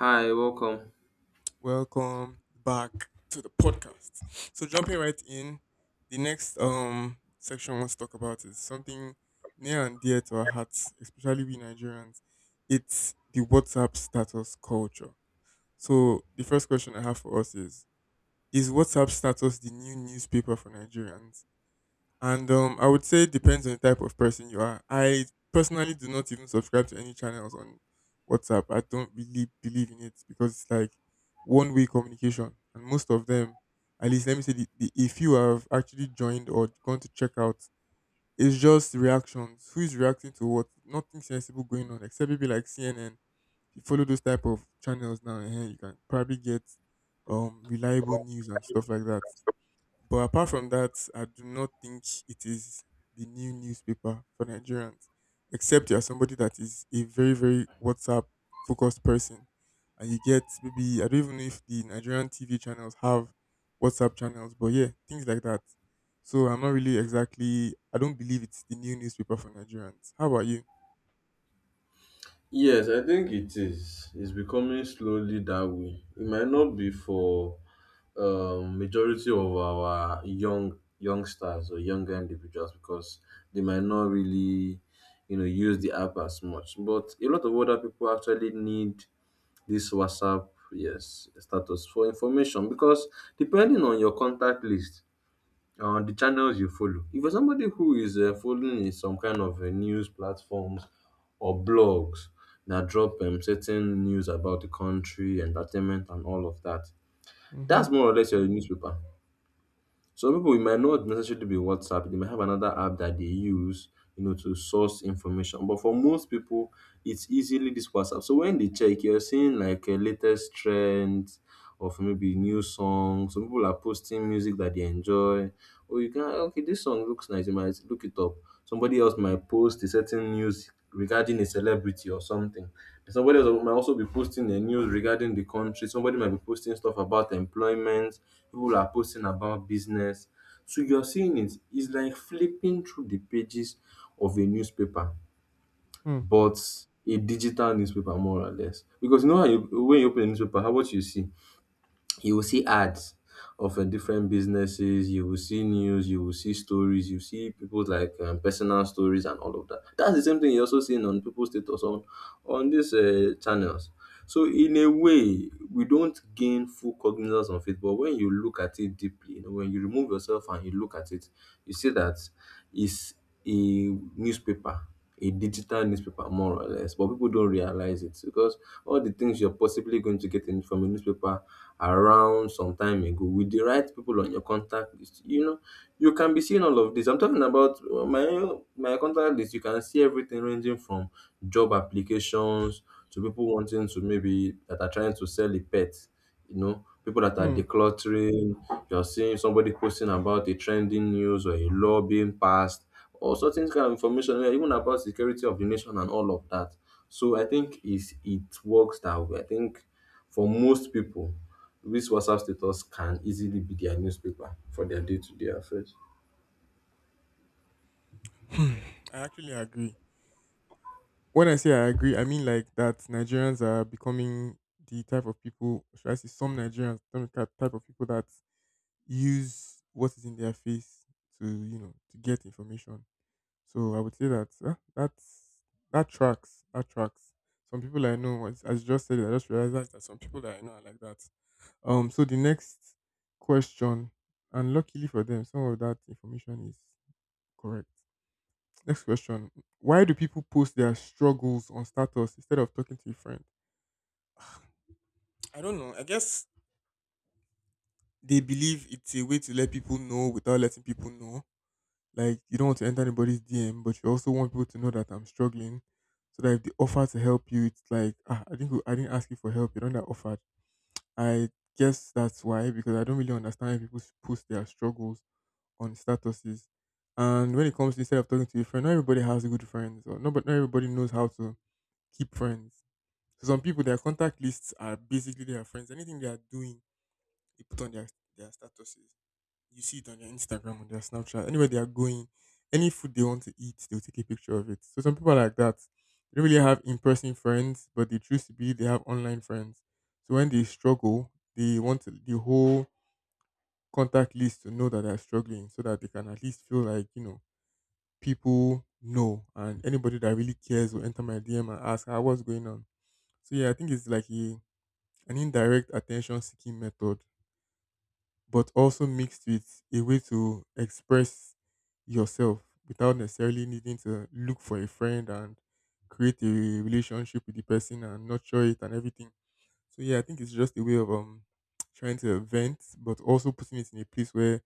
Hi, welcome. Welcome back to the podcast. So jumping right in, the next section we want to talk about is something near and dear to our hearts, especially we Nigerians. It's the WhatsApp status culture. So the first question I have for us is WhatsApp status the new newspaper for Nigerians? And I would say it depends on the type of person you are. I personally do not even subscribe to any channels on WhatsApp. I don't really believe in it because it's like one way communication. And most of them, at least let me say, if you have actually joined or gone to check out, it's just reactions. Who is reacting to what? Nothing sensible going on except maybe like CNN. If you follow those type of channels now, and you can probably get reliable news and stuff like that. But apart from that, I do not think it is the new newspaper for Nigerians, except you are somebody that is a very, very WhatsApp focused person. And you get maybe, I don't even know if the Nigerian TV channels have WhatsApp channels, but yeah, things like that. So I'm not really exactly, I don't believe it's the new newspaper for Nigerians. How about you? Yes, I think it is. It's becoming slowly that way. It might not be for majority of our youngsters or younger individuals because they might not really, you know, use the app as much. But a lot of other people actually need this WhatsApp, yes, status for information because depending on your contact list, on the channels you follow. If you're somebody who is following in some kind of news platforms or blogs that drop certain news about the country, entertainment, and all of that, Mm-hmm. that's more or less your newspaper. Some people it might not necessarily be WhatsApp, they might have another app that they use, you know, to source information. But for most people, it's easily this WhatsApp. So when they check, you're seeing like a latest trend of maybe new songs. Some people are posting music that they enjoy. Or you can okay, this song looks nice, you might look it up. Somebody else might post a certain news regarding a celebrity or something. Somebody else might also be posting the news regarding the country. Somebody might be posting stuff about employment. People are posting about business. So you're seeing it. It's like flipping through the pages of a newspaper, Hmm. but a digital newspaper, more or less. Because you know how when you open a newspaper, how what you see? You will see ads of different businesses, you will see news, you will see stories, you see people's like personal stories and all of that. That's the same thing you also seeing on people's status on these channels. So in a way we don't gain full cognizance of it, but when you look at it deeply, you know, when you remove yourself and you look at it, you see that it's a newspaper, a digital newspaper, more or less, but people don't realize it. Because all the things you're possibly going to get in from a newspaper around some time ago, with the right people on your contact list, you know, you can be seeing all of this. I'm talking about my contact list. You can see everything ranging from job applications to people wanting to maybe that are trying to sell a pet, you know, people that are Hmm. decluttering. You're seeing somebody posting about a trending news or a law being passed, all sorts of kind of information, yeah, even about security of the nation and all of that. So I think is it works that way. I think for most people, this WhatsApp status can easily be their newspaper for their day-to-day affairs. Hmm. I actually agree. When I say I agree, I mean like that Nigerians are becoming the type of people, should I say some Nigerians, type of people that use what is in their face to, you know, to get information. So I would say that that tracks, that tracks. Some people I know, as you just said, it, I just realized that, some people that I know are like that. So the next question, and luckily for them, some of that information is correct. Next question. Why do people post their struggles on status instead of talking to a friend? I don't know. I guess they believe it's a way to let people know without letting people know. Like you don't want to enter anybody's DM, but you also want people to know that I'm struggling, so that if they offer to help you, it's like ah, I think I didn't ask you for help. You don't that offered. I guess that's why because I don't really understand why people post their struggles on statuses. And when it comes to instead of talking to your friend, not everybody has good friends, or not, but not everybody knows how to keep friends. So some people, their contact lists are basically their friends. Anything they are doing, they put on their statuses. You see it on their Instagram, on their Snapchat, anywhere they are going, any food they want to eat, they'll take a picture of it. So some people are like that. They don't really have in person friends, but they choose to be they have online friends. So when they struggle, they want the whole contact list to know that they're struggling so that they can at least feel like, you know, people know and anybody that really cares will enter my DM and ask, ah, what's going on? So yeah, I think it's like a an indirect attention seeking method, but also mixed with a way to express yourself without necessarily needing to look for a friend and create a relationship with the person and nurture it and everything. So yeah, I think it's just a way of trying to vent, but also putting it in a place where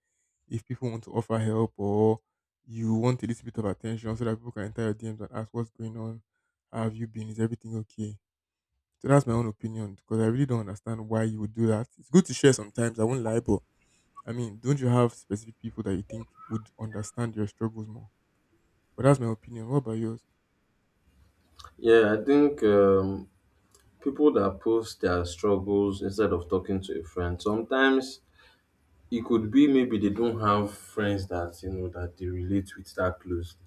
if people want to offer help or you want a little bit of attention so that people can enter your DMs and ask what's going on, how have you been, is everything okay? So that's my own opinion because I really don't understand why you would do that. It's good to share sometimes, I won't lie, but I mean, don't you have specific people that you think would understand your struggles more? But that's my opinion. What about yours? Yeah, I think people that post their struggles instead of talking to a friend, sometimes it could be maybe they don't have friends that you know that they relate with that closely.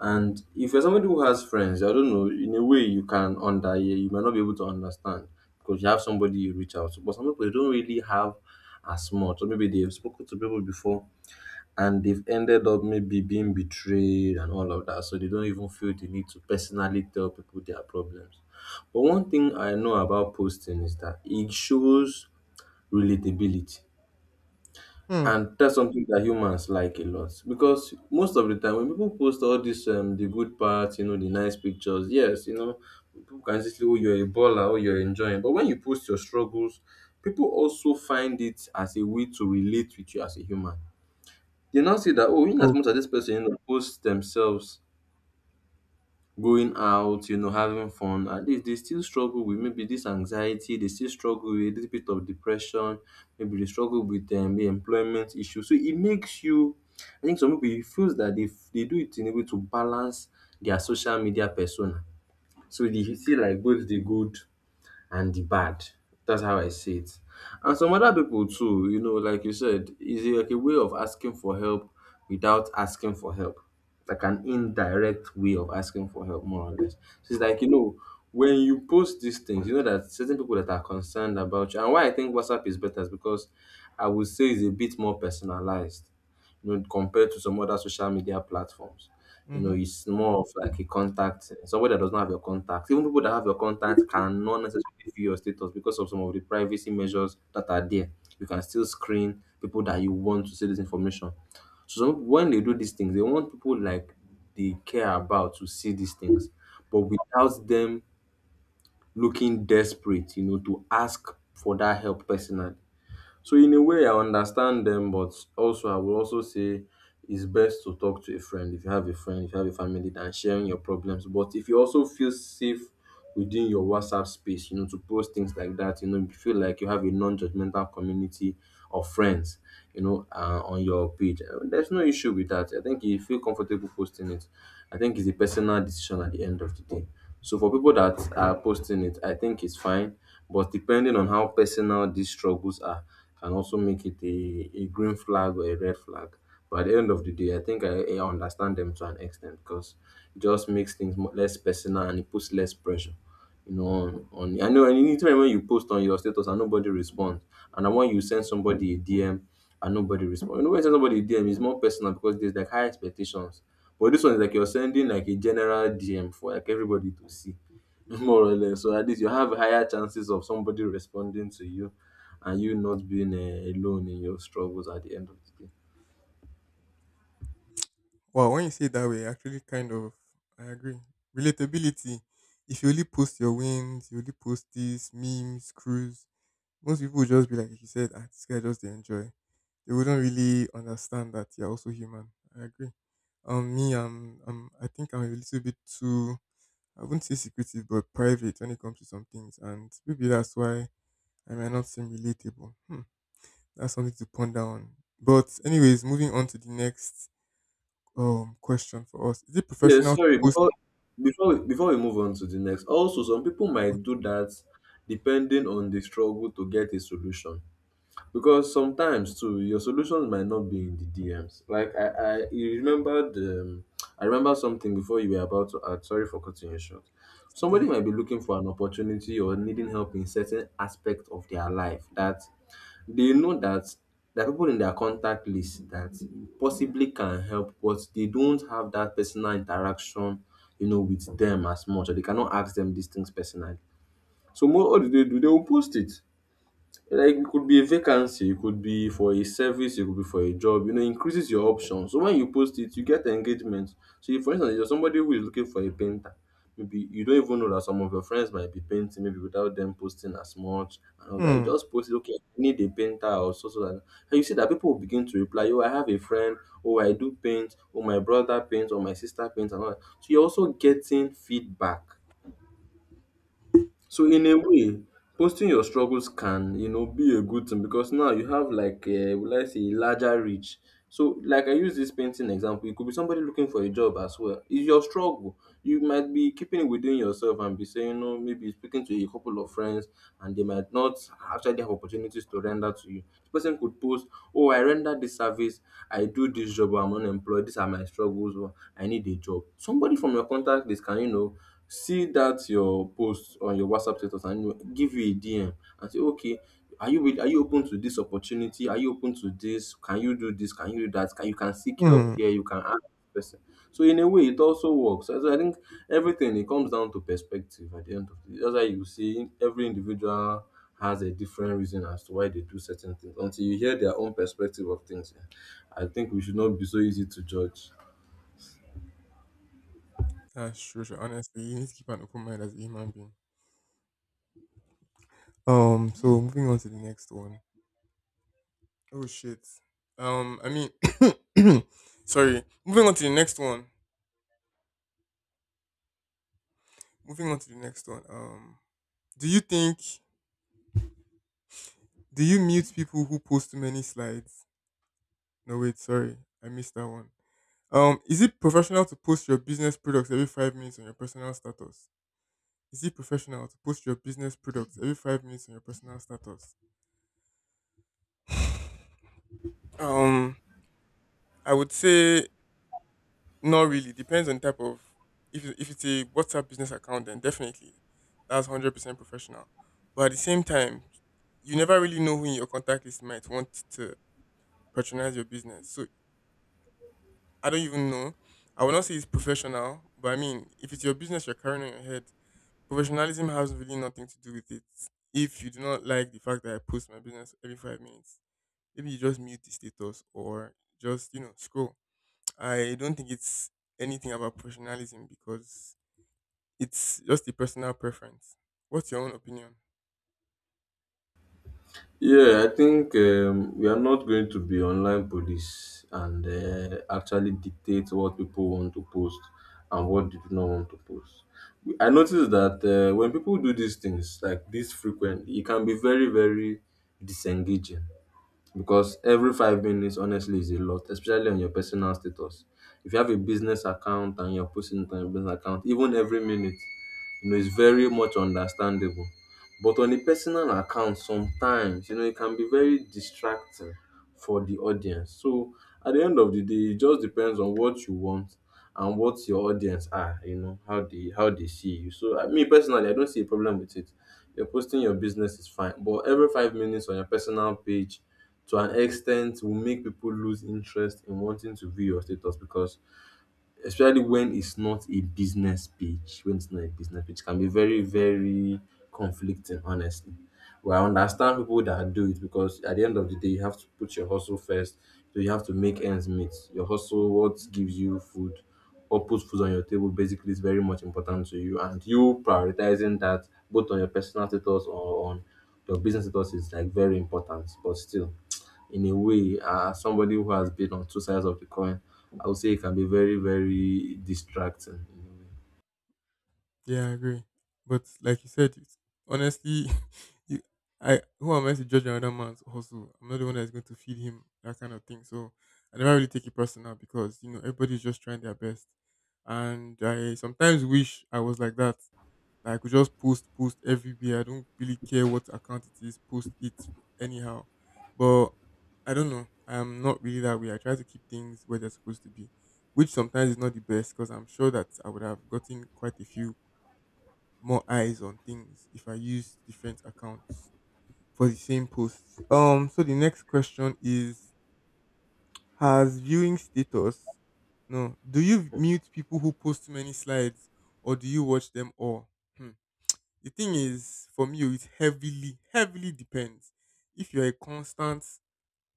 And if you're somebody who has friends, I don't know, in a way you can under yeah, you might not be able to understand because you have somebody you reach out to. But some people they don't really have as much, or maybe they've spoken to people before and they've ended up maybe being betrayed and all of that. So they don't even feel the need to personally tell people their problems. But one thing I know about posting is that it shows relatability. Hmm. And that's something that humans like a lot, because most of the time when people post all this the good parts, you know, the nice pictures, yes, you know, people can just say, "Oh, you're a baller, oh, you're enjoying." But when you post your struggles, people also find it as a way to relate with you as a human. They now see that, oh, in as Oh. much as this person, you know, posts themselves going out, you know, having fun, at least they still struggle with maybe this anxiety, they still struggle with a little bit of depression, maybe they struggle with the employment issue. So it makes you, I think some people, it feels that they do it in a way to balance their social media persona. So they see like both the good and the bad. That's how I see it. And some other people too, you know, like you said, is a- like a way of asking for help without asking for help. Like an indirect way of asking for help, more or less. So it's like, you know, when you post these things, you know that certain people that are concerned about you. And why I think WhatsApp is better is because I would say it's a bit more personalized, you know, compared to some other social media platforms. You know, Mm-hmm. it's more of like a contact, somebody that does not have your contact. Even people that have your contact cannot necessarily view your status because of some of the privacy measures that are there. You can still screen people that you want to see this information. So some- when they do these things, they want people like they care about to see these things, but without them looking desperate, you know, to ask for that help personally. So in a way, I understand them, but also I will also say it's best to talk to a friend if you have a friend, if you have a family, than sharing your problems. But if you also feel safe within your WhatsApp space, you know, to post things like that, you know, you feel like you have a non-judgmental community of friends, you know, on your page. There's no issue with that. I think if you feel comfortable posting it, I think it's a personal decision at the end of the day. So for people that are posting it, I think it's fine. But depending on how personal these struggles are, can also make it a green flag or a red flag. But at the end of the day, I think I understand them to an extent because it just makes things more, less personal and it puts less pressure. You know, on I know. And anytime when you post on your status and nobody responds, and then when you send somebody a DM and nobody responds, you know when you send somebody a DM, it's more personal because there's like high expectations. But this one is like you're sending like a general DM for like everybody to see. more or less. So at least you have higher chances of somebody responding to you and you not being alone in your struggles at the end of the day. Wow, when you say it that way, actually kind of I agree. Relatability. If you only post your wins, you only post these memes, crews, most people would just be like you said, ah, this guy just they enjoy. They wouldn't really understand that you're also human. I agree. I think I'm a little bit too, I wouldn't say secretive, but private when it comes to some things, and maybe that's why I might not seem relatable. Hmm. That's something to ponder on. But anyways, moving on to the next question for us: Is it Yeah, professional to sorry, post? before we move on to the next. Also, some people might Okay, do that depending on the struggle to get a solution. Because sometimes too your solutions might not be in the DMs. Like I you remember the I remember something before you were about to add. Sorry for cutting you short. it's totally Somebody fine. might be looking for an opportunity or needing help in certain aspect of their life that they know that there are people in their contact list that possibly can help, but they don't have that personal interaction, you know, with them as much, or they cannot ask them these things personally. So what do? They will post it. Like it could be a vacancy, it could be for a service, it could be for a job. You know, it increases your options. So when you post it, you get engagement. So if, for instance, you're somebody who is looking for a painter, maybe you don't even know that some of your friends might be painting, maybe without them posting as much. And all that you Hmm. just post it, okay, I need a painter or so, so that. And you see that people will begin to reply, oh, I have a friend, oh, I do paint, oh, my brother paints, or my sister paints, and all that. So you're also getting feedback. So in a way, posting your struggles can, you know, be a good thing because now you have like a, will I say, larger reach. So like I use this painting example, it could be somebody looking for a job as well. It's your struggle. You might be keeping it within yourself and be saying, you know, maybe speaking to a couple of friends and they might not actually have opportunities to render to you. The person could post, oh, I render this service, I do this job, I'm unemployed, these are my struggles, or I need a job. Somebody from your contact list can, you know, see that your post on your WhatsApp status and you give you a DM and say, okay, are you open to this opportunity? Are you open to this? Can you do this? Can you do that? Can you can seek help Hmm. here? You can ask this person. So in a way, it also works. So I think everything it comes down to perspective at the end of the day. That's why you see every individual has a different reason as to why they do certain things. Until you hear their own perspective of things, I think we should not be so easy to judge. That's true. Sure. Honestly, you need to keep an open mind as a human being. So moving on to the next one. Oh shit. Um, I mean, sorry. Moving on to the next one. Moving on to the next one. Do you think do you mute people who post too many slides? No, wait, sorry, I missed that one. Is it professional to post your business products every 5 minutes on your personal status? Is it professional to post your business products every 5 minutes on your personal status? Um, I would say not really. Depends on type of if it's a WhatsApp business account, then definitely that's 100% professional. But at the same time, you never really know who in your contact list might want to patronize your business. So I don't even know. I would not say it's professional, but I mean, if it's your business you're carrying on your head, professionalism has really nothing to do with it. If you do not like the fact that I post my business every 5 minutes, maybe you just mute the status or just you know scroll. I don't think it's anything about professionalism because it's just a personal preference. What's your own opinion? Yeah, I think we are not going to be online police and actually dictate what people want to post and what they do not want to post. I noticed that when people do these things like this frequently, it can be very, very disengaging because every 5 minutes, honestly, is a lot, especially on your personal status. If you have a business account and you're posting it on your business account, even every minute, you know, it's very much understandable. But on a personal account, sometimes, you know, it can be very distracting for the audience. So at the end of the day, it just depends on what you want and what your audience are, you know, how they see you. So me personally, I don't see a problem with it. You're posting your business is fine. But every 5 minutes on your personal page to an extent will make people lose interest in wanting to view your status because especially when it's not a business page, it can be very, very conflicting, honestly. But I understand people that do it because at the end of the day, you have to put your hustle first. So you have to make ends Exactly. meet. Your hustle, what gives you food or puts food on your table basically, is very much important to you, and you prioritizing that both on your personal status or on your business ethos is like very important. But still, in a way, as somebody who has been on two sides of the coin, I would say it can be very, very distracting. Yeah, I agree. But like you said, it's, honestly, you, I who am I to judge another man's hustle? I'm not the one that's going to feed him that kind of thing. So I never really take it personal because you know everybody's just trying their best, and I sometimes wish I was like that. Like, I could just post everywhere. I don't really care what account it is, post it anyhow. But I don't know. I'm not really that way. I try to keep things where they're supposed to be, which sometimes is not the best because I'm sure that I would have gotten quite a few more eyes on things if I used different accounts for the same posts. So the next question is has viewing status, no, do you mute people who post too many slides or do you watch them all? Hmm. The thing is, for me, oh, it heavily, heavily depends. If you're a constant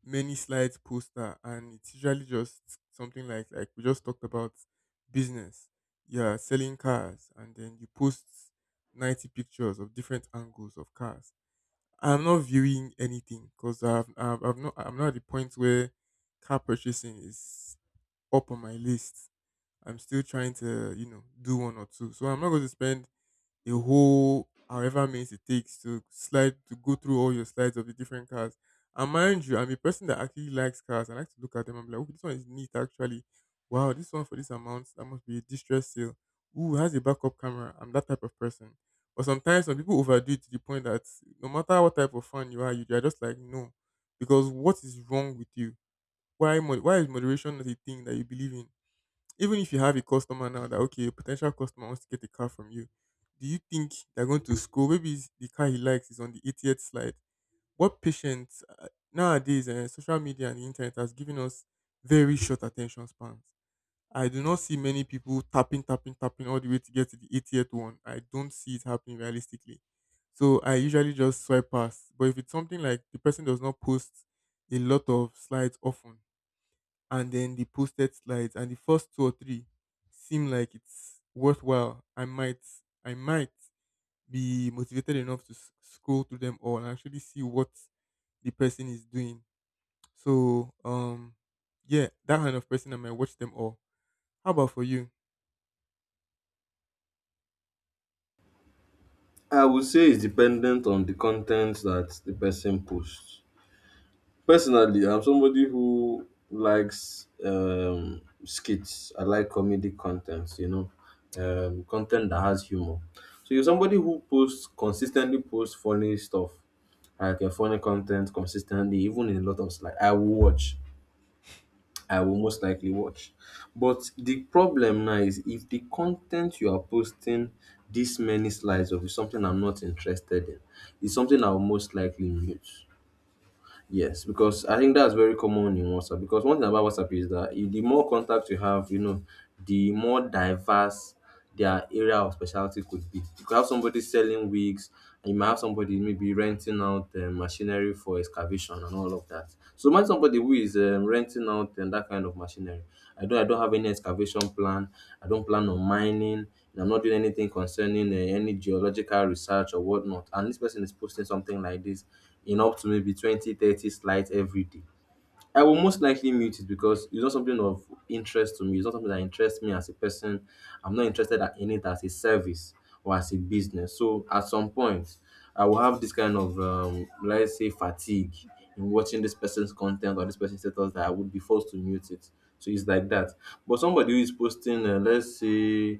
many slides poster and it's usually just something like we just talked about business, you're selling cars and then you post 90 pictures of different angles of cars. I'm not viewing anything because I'm not at the point where car purchasing is up on my list. I'm still trying to, you know, do one or two. So I'm not going to spend a whole however means it takes to slide to go through all your slides of the different cars. And mind you, I'm a person that actually likes cars. I like to look at them. I'm like, oh, this one is neat actually. Wow, this one for this amount, that must be a distress sale. Ooh, it has a backup camera. I'm that type of person. But sometimes some people overdo it to the point that no matter what type of fan you are just like, no. Because what is wrong with you? Why is moderation not a thing that you believe in? Even if you have a customer now that okay, a potential customer wants to get a car from you, do you think they're going to scroll? Maybe the car he likes is on the 80th slide. What patience nowadays? Social media and the internet has given us very short attention spans. I do not see many people tapping, tapping, tapping all the way to get to the 80th one. I don't see it happening realistically. So I usually just swipe past. But if it's something like the person does not post a lot of slides often, and then the posted slides and the first two or three seem like it's worthwhile, I might be motivated enough to scroll through them all and actually see what the person is doing. so um yeah, that kind of person I might watch them all. How about for you? I would say it's dependent on the content that the person posts. Personally, I'm somebody who likes skits. I like comedy contents, you know, Okay. Content that has humor. So you're somebody who posts funny stuff, like funny content consistently, even in a lot of, like, I will watch. I will most likely watch. But the problem now is if the content you are posting this many slides of is something I'm not interested in, it's something I'll most likely mute. Yes, because I think that's very common in WhatsApp. Because one thing about WhatsApp is that the more contacts you have, you know, the more diverse their area of specialty could be. You could have somebody selling wigs, and you might have somebody maybe renting out machinery for excavation and all of that. So imagine somebody who is renting out that kind of machinery. I don't have any excavation plan. I don't plan on mining, and I'm not doing anything concerning any geological research or whatnot. And this person is posting something like this in up to maybe 20, 30 slides every day. I will most likely mute it because it's not something of interest to me. It's not something that interests me as a person. I'm not interested in it as a service or as a business. So at some point, I will have this kind of, let's say, fatigue in watching this person's content or this person's status that I would be forced to mute it. So it's like that. But somebody who is posting, let's say,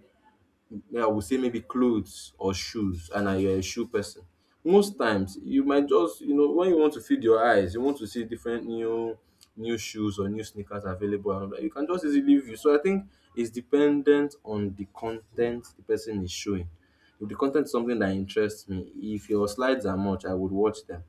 I would say maybe clothes or shoes, and I you're a shoe person. Most times you might just, you know, when you want to feed your eyes, you want to see different new shoes or new sneakers available and all that, you can just easily view. So I think it's dependent on the content the person is showing. If the content is something that interests me, if your slides are much, I would watch them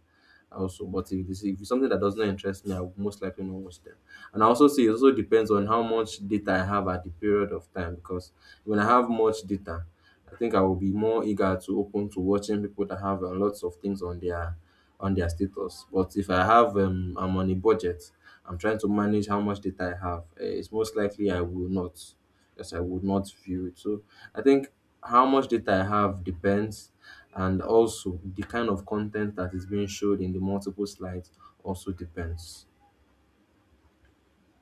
also. But if it's something that does not interest me, I will most likely not watch them. And I also see it also depends on how much data I have at the period of time, because when I have much data, I think I will be more eager to open to watching people that have lots of things on their status. But if I have I'm on a budget, I'm trying to manage how much data I have, it's most likely I will not. Yes, I would not view it. So I think how much data I have depends, and also, the kind of content that is being showed in the multiple slides also depends.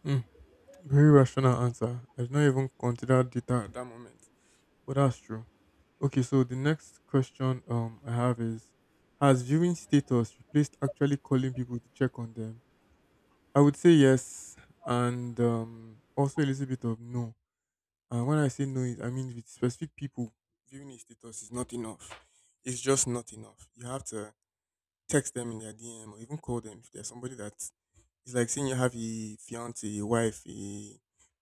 Hmm, very rational answer, I did not even consider data at that moment, but that's true. Okay, so the next question I have is, has viewing status replaced actually calling people to check on them? I would say yes, and also a little bit of no. And when I say no, I mean with specific people, viewing a status is not enough. It's just not enough. You have to text them in their DM or even call them if there's somebody that, it's like saying you have a fiance, a wife, a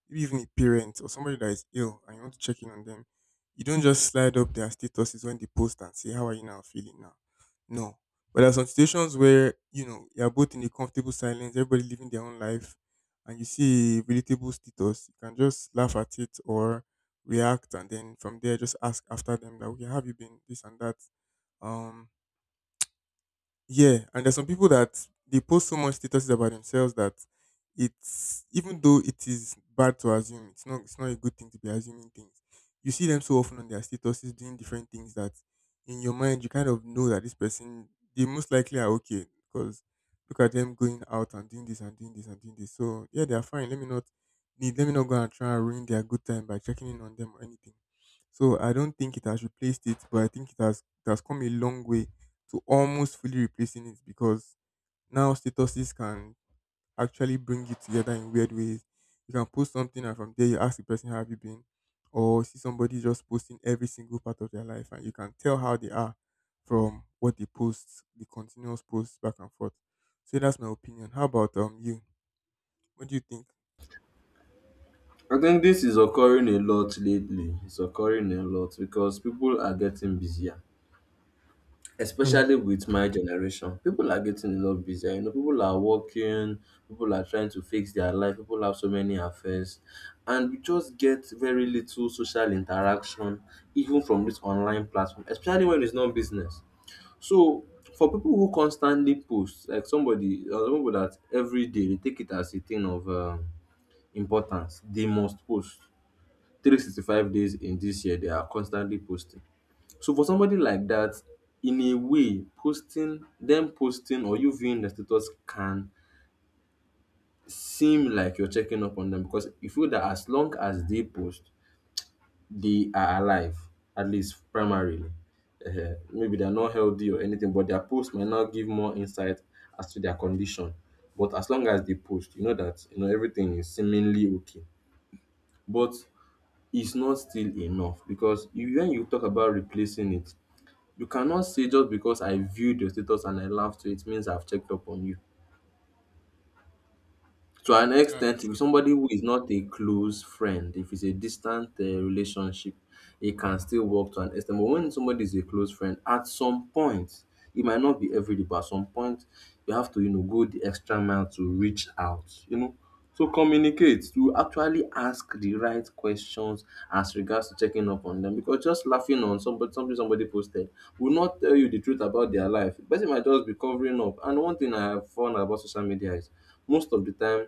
maybe even a parent or somebody that is ill and you want to check in on them. You don't just slide up their statuses when they post and say, "How are you now feeling now?" No. But there are some situations where, you know, you're both in a comfortable silence, everybody living their own life, and you see a relatable status, you can just laugh at it or react, and then from there just ask after them that, okay, how have you been? This and that. Um yeah, and there's some people that they post so much statuses about themselves that, it's even though it is bad to assume, it's not a good thing to be assuming things. You see them so often on their statuses doing different things that in your mind you kind of know that this person, they most likely are okay because look at them going out and doing this and doing this and doing this. So yeah, they are fine. Let me not go and try and ruin their good time by checking in on them or anything. So I don't think it has replaced it, but I think it has come a long way to almost fully replacing it, because now statuses can actually bring you together in weird ways. You can post something and from there you ask the person how have you been, or see somebody just posting every single part of their life and you can tell how they are from what they post, the continuous posts back and forth. So that's my opinion. How about you? What do you think? I think this is occurring a lot lately. It's occurring a lot because people are getting busier, Hmm. especially with my generation. People are getting a lot busier. You know, people are working, people are trying to fix their life, people have so many affairs, and we just get very little social interaction, even from this online platform, especially when it's not business. So for people who constantly post, like somebody or pipu dat everyday, they take it as a thing of importance. They must post 365 days in this year, they are constantly posting. So for somebody like that, in a way, posting or you viewing the status can seem like you're checking up on them, because you feel that as long as they post, they are alive, at least primarily. Maybe they are not healthy or anything, but their post might now give more insight as to their condition. But as long as they post, you know that, you know, everything is seemingly okay. But it's not still enough, because if, when you talk about replacing it, you cannot say just because I viewed your status and I laughed to it means I've checked up on you. To an That's extent, true. with somebody who is not a close friend, if it's a distant relationship, it can still work to an extent. But when somebody is a close friend, at some point, it might not be every day, but at some point, you have to, you know, go the extra mile to reach out, you know, so communicate to actually ask the right questions as regards to checking up on them. Because just laughing on somebody, something somebody posted will not tell you the truth about their life. The person might just be covering up. And one thing I have found about social media is most of the time,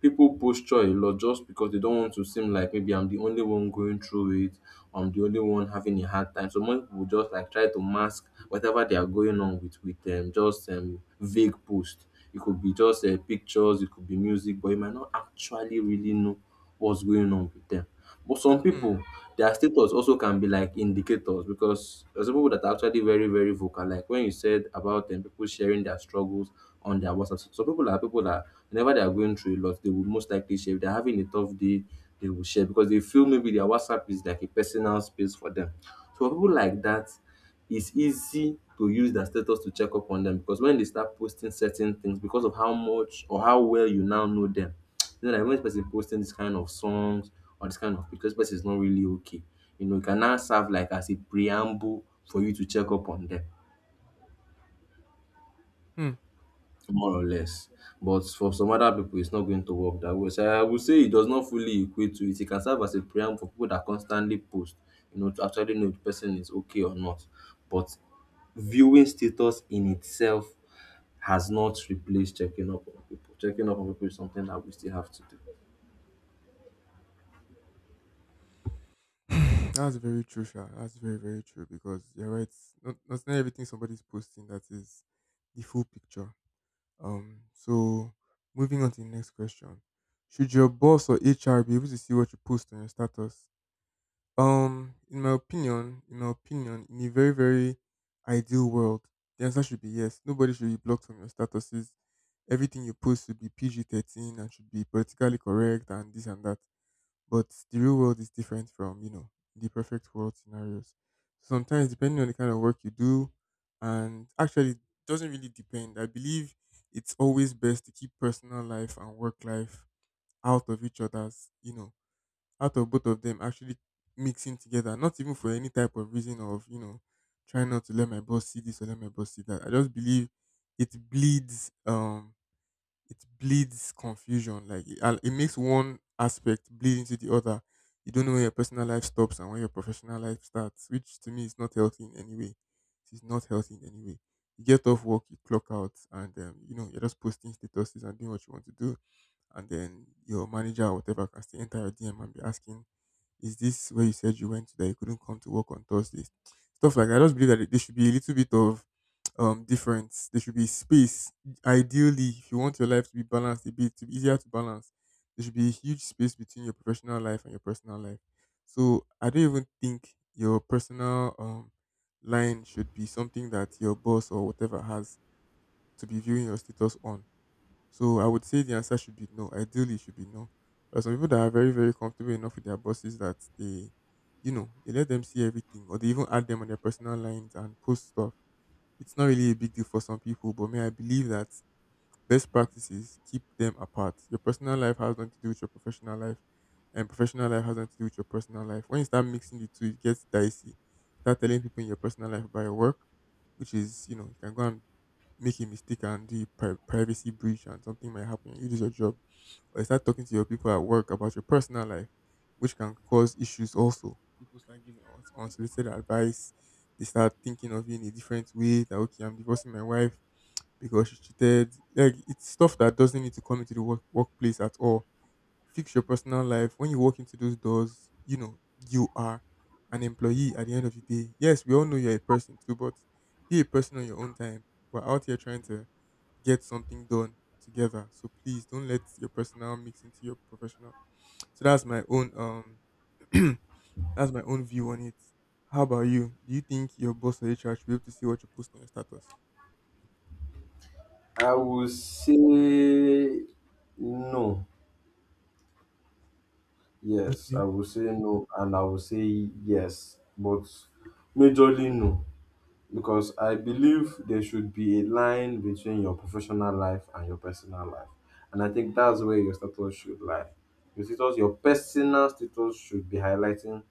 people posture a lot just because they don't want to seem like maybe I'm the only one going through it, or I'm the only one having a hard time. So most people just, like, try to mask whatever they are going on with just vague post. It could be just pictures, it could be music, but you might not actually really know what's going on with them. But some Hmm. people, their status also can be like indicators, because there's some people that are actually very, very vocal. Like when you said about them, people sharing their struggles on their WhatsApp. Some people are people that whenever they are going through a lot, they will most likely share. If they're having a tough day, they will share because they feel maybe their WhatsApp is like a personal space for them. So for people like that, it's easy to use their status to check up on them, because when they start posting certain things, because of how much or how well you now know them, you know that when this person posting this kind of songs or this kind of pictures, this person is not really okay. You know, it can now serve like as a preamble for you to check up on them, more or less. But for some other people, it's not going to work that way. So I would say it does not fully equate to it. It can serve as a preamble for people that constantly post, you know, to actually know if the person is okay or not. But viewing status in itself has not replaced checking up on people. Checking up on people is something that we still have to do. Hmm. That's very true, Sha. That's very, very true because you're right. Not everything somebody's posting that is the full picture. So moving on to the next question. Should your boss or HR be able to see what you post on your status? In my opinion, in a very, very ideal world, the answer should be yes. Nobody should be blocked from your statuses. Everything you post should be PG-13 and should be politically correct and this and that. But the real world is different from, you know, the perfect world scenarios. Sometimes, depending on the kind of work you do, and actually, it doesn't really depend. I believe it's always best to keep personal life and work life out of each other's, you know, out of both of them actually mixing together, not even for any type of reason of, you know, trying not to let my boss see this or let my boss see that. I just believe it bleeds. It bleeds confusion. Like it makes one aspect bleed into the other. You don't know when your personal life stops and when your professional life starts, which to me is not healthy in any way. It's not healthy in any way. You get off work, you clock out, and you know, you're just posting statuses and doing what you want to do, and then your manager or whatever can still enter your DM and be asking, is this where you said you went, that you couldn't come to work on Thursdays? Stuff like that. I just believe that there should be a little bit of difference. There should be space. Ideally, if you want your life to be balanced, a bit to be easier to balance, there should be a huge space between your professional life and your personal life. So I don't even think your personal line should be something that your boss or whatever has to be viewing your status on. So I would say the answer should be no. Ideally, it should be no. There are some people that are very, very comfortable enough with their bosses that they, you know, they let them see everything or they even add them on their personal lines and post stuff. It's not really a big deal for some people, but may I believe that best practices keep them apart. Your personal life has nothing to do with your professional life, and professional life has nothing to do with your personal life. When you start mixing the two, it gets dicey. Start telling people in your personal life about your work, which is, you know, you can go and make a mistake and do a privacy breach and something might happen, you lose your job, or you start talking to your people at work about your personal life, which can cause issues also. People start giving unsolicited advice. They start thinking of you in a different way. That okay, I'm divorcing my wife because she cheated. Like it's stuff that doesn't need to come into the workplace at all. Fix your personal life. When you walk into those doors, you know you are an employee at the end of the day. Yes, we all know you're a person too, but be a person on your own time. We're out here trying to get something done together. So please don't let your personal mix into your professional. So that's my own that's my own view on it. How about you? Do you think your boss or HR should be able to see what you post on your status? I will say no. Yes, Okay. I will say no, and I will say yes, but majorly no, because I believe there should be a line between your professional life and your personal life, and I think that's where your status should lie. Your status, your personal status, should be highlighting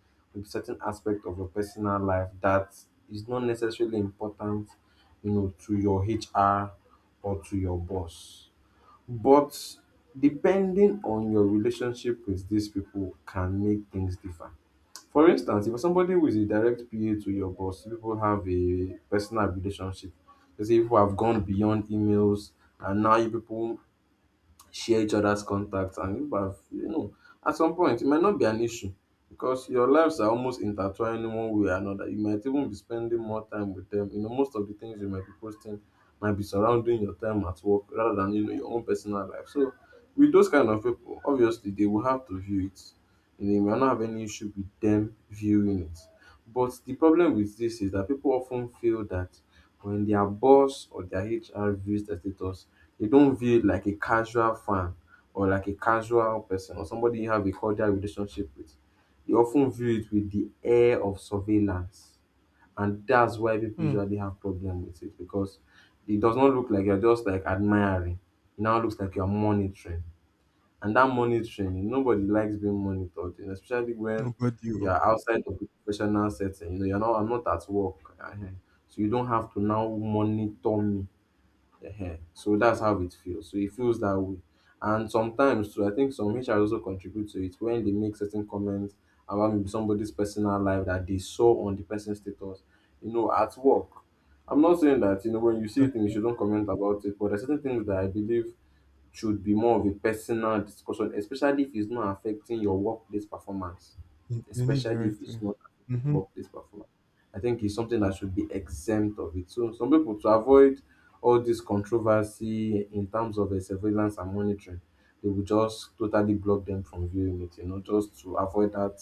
a certain aspect of your personal life that is not necessarily important, you know, to your HR or to your boss. But depending on your relationship with these people can make things differ. For instance, if you're somebody who is a direct PA to your boss, people have a personal relationship. Let's say people have gone beyond emails, and now you people share each other's contacts and you have, you know, at some point it might not be an issue, because your lives are almost intertwined in one way or another. You might even be spending more time with them, you know. Most of the things you might be posting might be surrounding your time at work rather than, you know, your own personal life. So with those kind of people, obviously they will have to view it, and they might not have any issue with them viewing it. But the problem with this is that people often feel that when their boss or their HR views their status, they don't view it like a casual fan or like a casual person or somebody you have a cordial relationship with. They often view it with the air of surveillance. And that's why people Hmm. usually have problem with it, because it does not look like you're just, like, admiring. It now looks like you're monitoring. And that monitoring, nobody likes being monitored, and especially when Nobody. Oh. you're outside of the professional setting. You know, you're not I'm not at work. Uh-huh. So you don't have to now monitor me. Ehen. So that's how it feels. So it feels that way. And sometimes too, I think some HR also contribute to it when they make certain comments about maybe somebody's personal life that they saw on the person's status, you know, at work. I'm not saying that, you know, when you see things, Exactly. you don't comment about it, but there are certain things that I believe should be more of a personal discussion, especially if it's not affecting your workplace performance. In any Especially if direct it's way. not affecting Mm-hmm. workplace performance. I think it's something that should be exempt of it. So some people, to avoid all this controversy in terms of surveillance and monitoring, they will just totally block them from viewing it, you know, just to avoid that,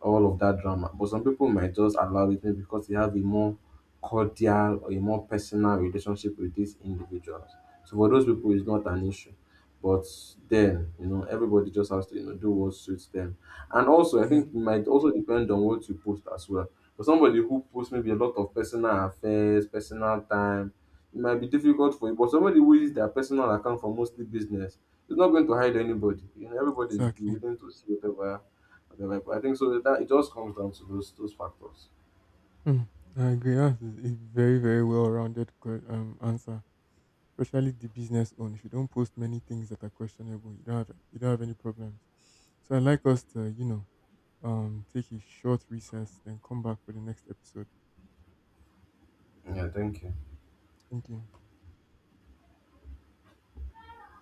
all of that drama. But some people might just allow it, maybe because they have a more cordial or a more personal relationship with these individuals. So for those people, it's not an issue. But then, you know, everybody just has to, you know, do what suits them. And also, I Yeah. think it might also depend on what you post as well. For somebody who posts maybe a lot of personal affairs, personal time, it might be difficult for you, but somebody who uses their personal account for mostly business is not going to hide anybody. You know, everybody is Exactly. willing to see whatever, whatever. But I think so. That it just comes down to those factors. Hmm. I agree. That's a very, very well rounded answer. Especially the business own. If you don't post many things that are questionable, you don't have any problems. So I like us to, you know, take a short recess, then come back for the next episode. Yeah, thank you. Thank you.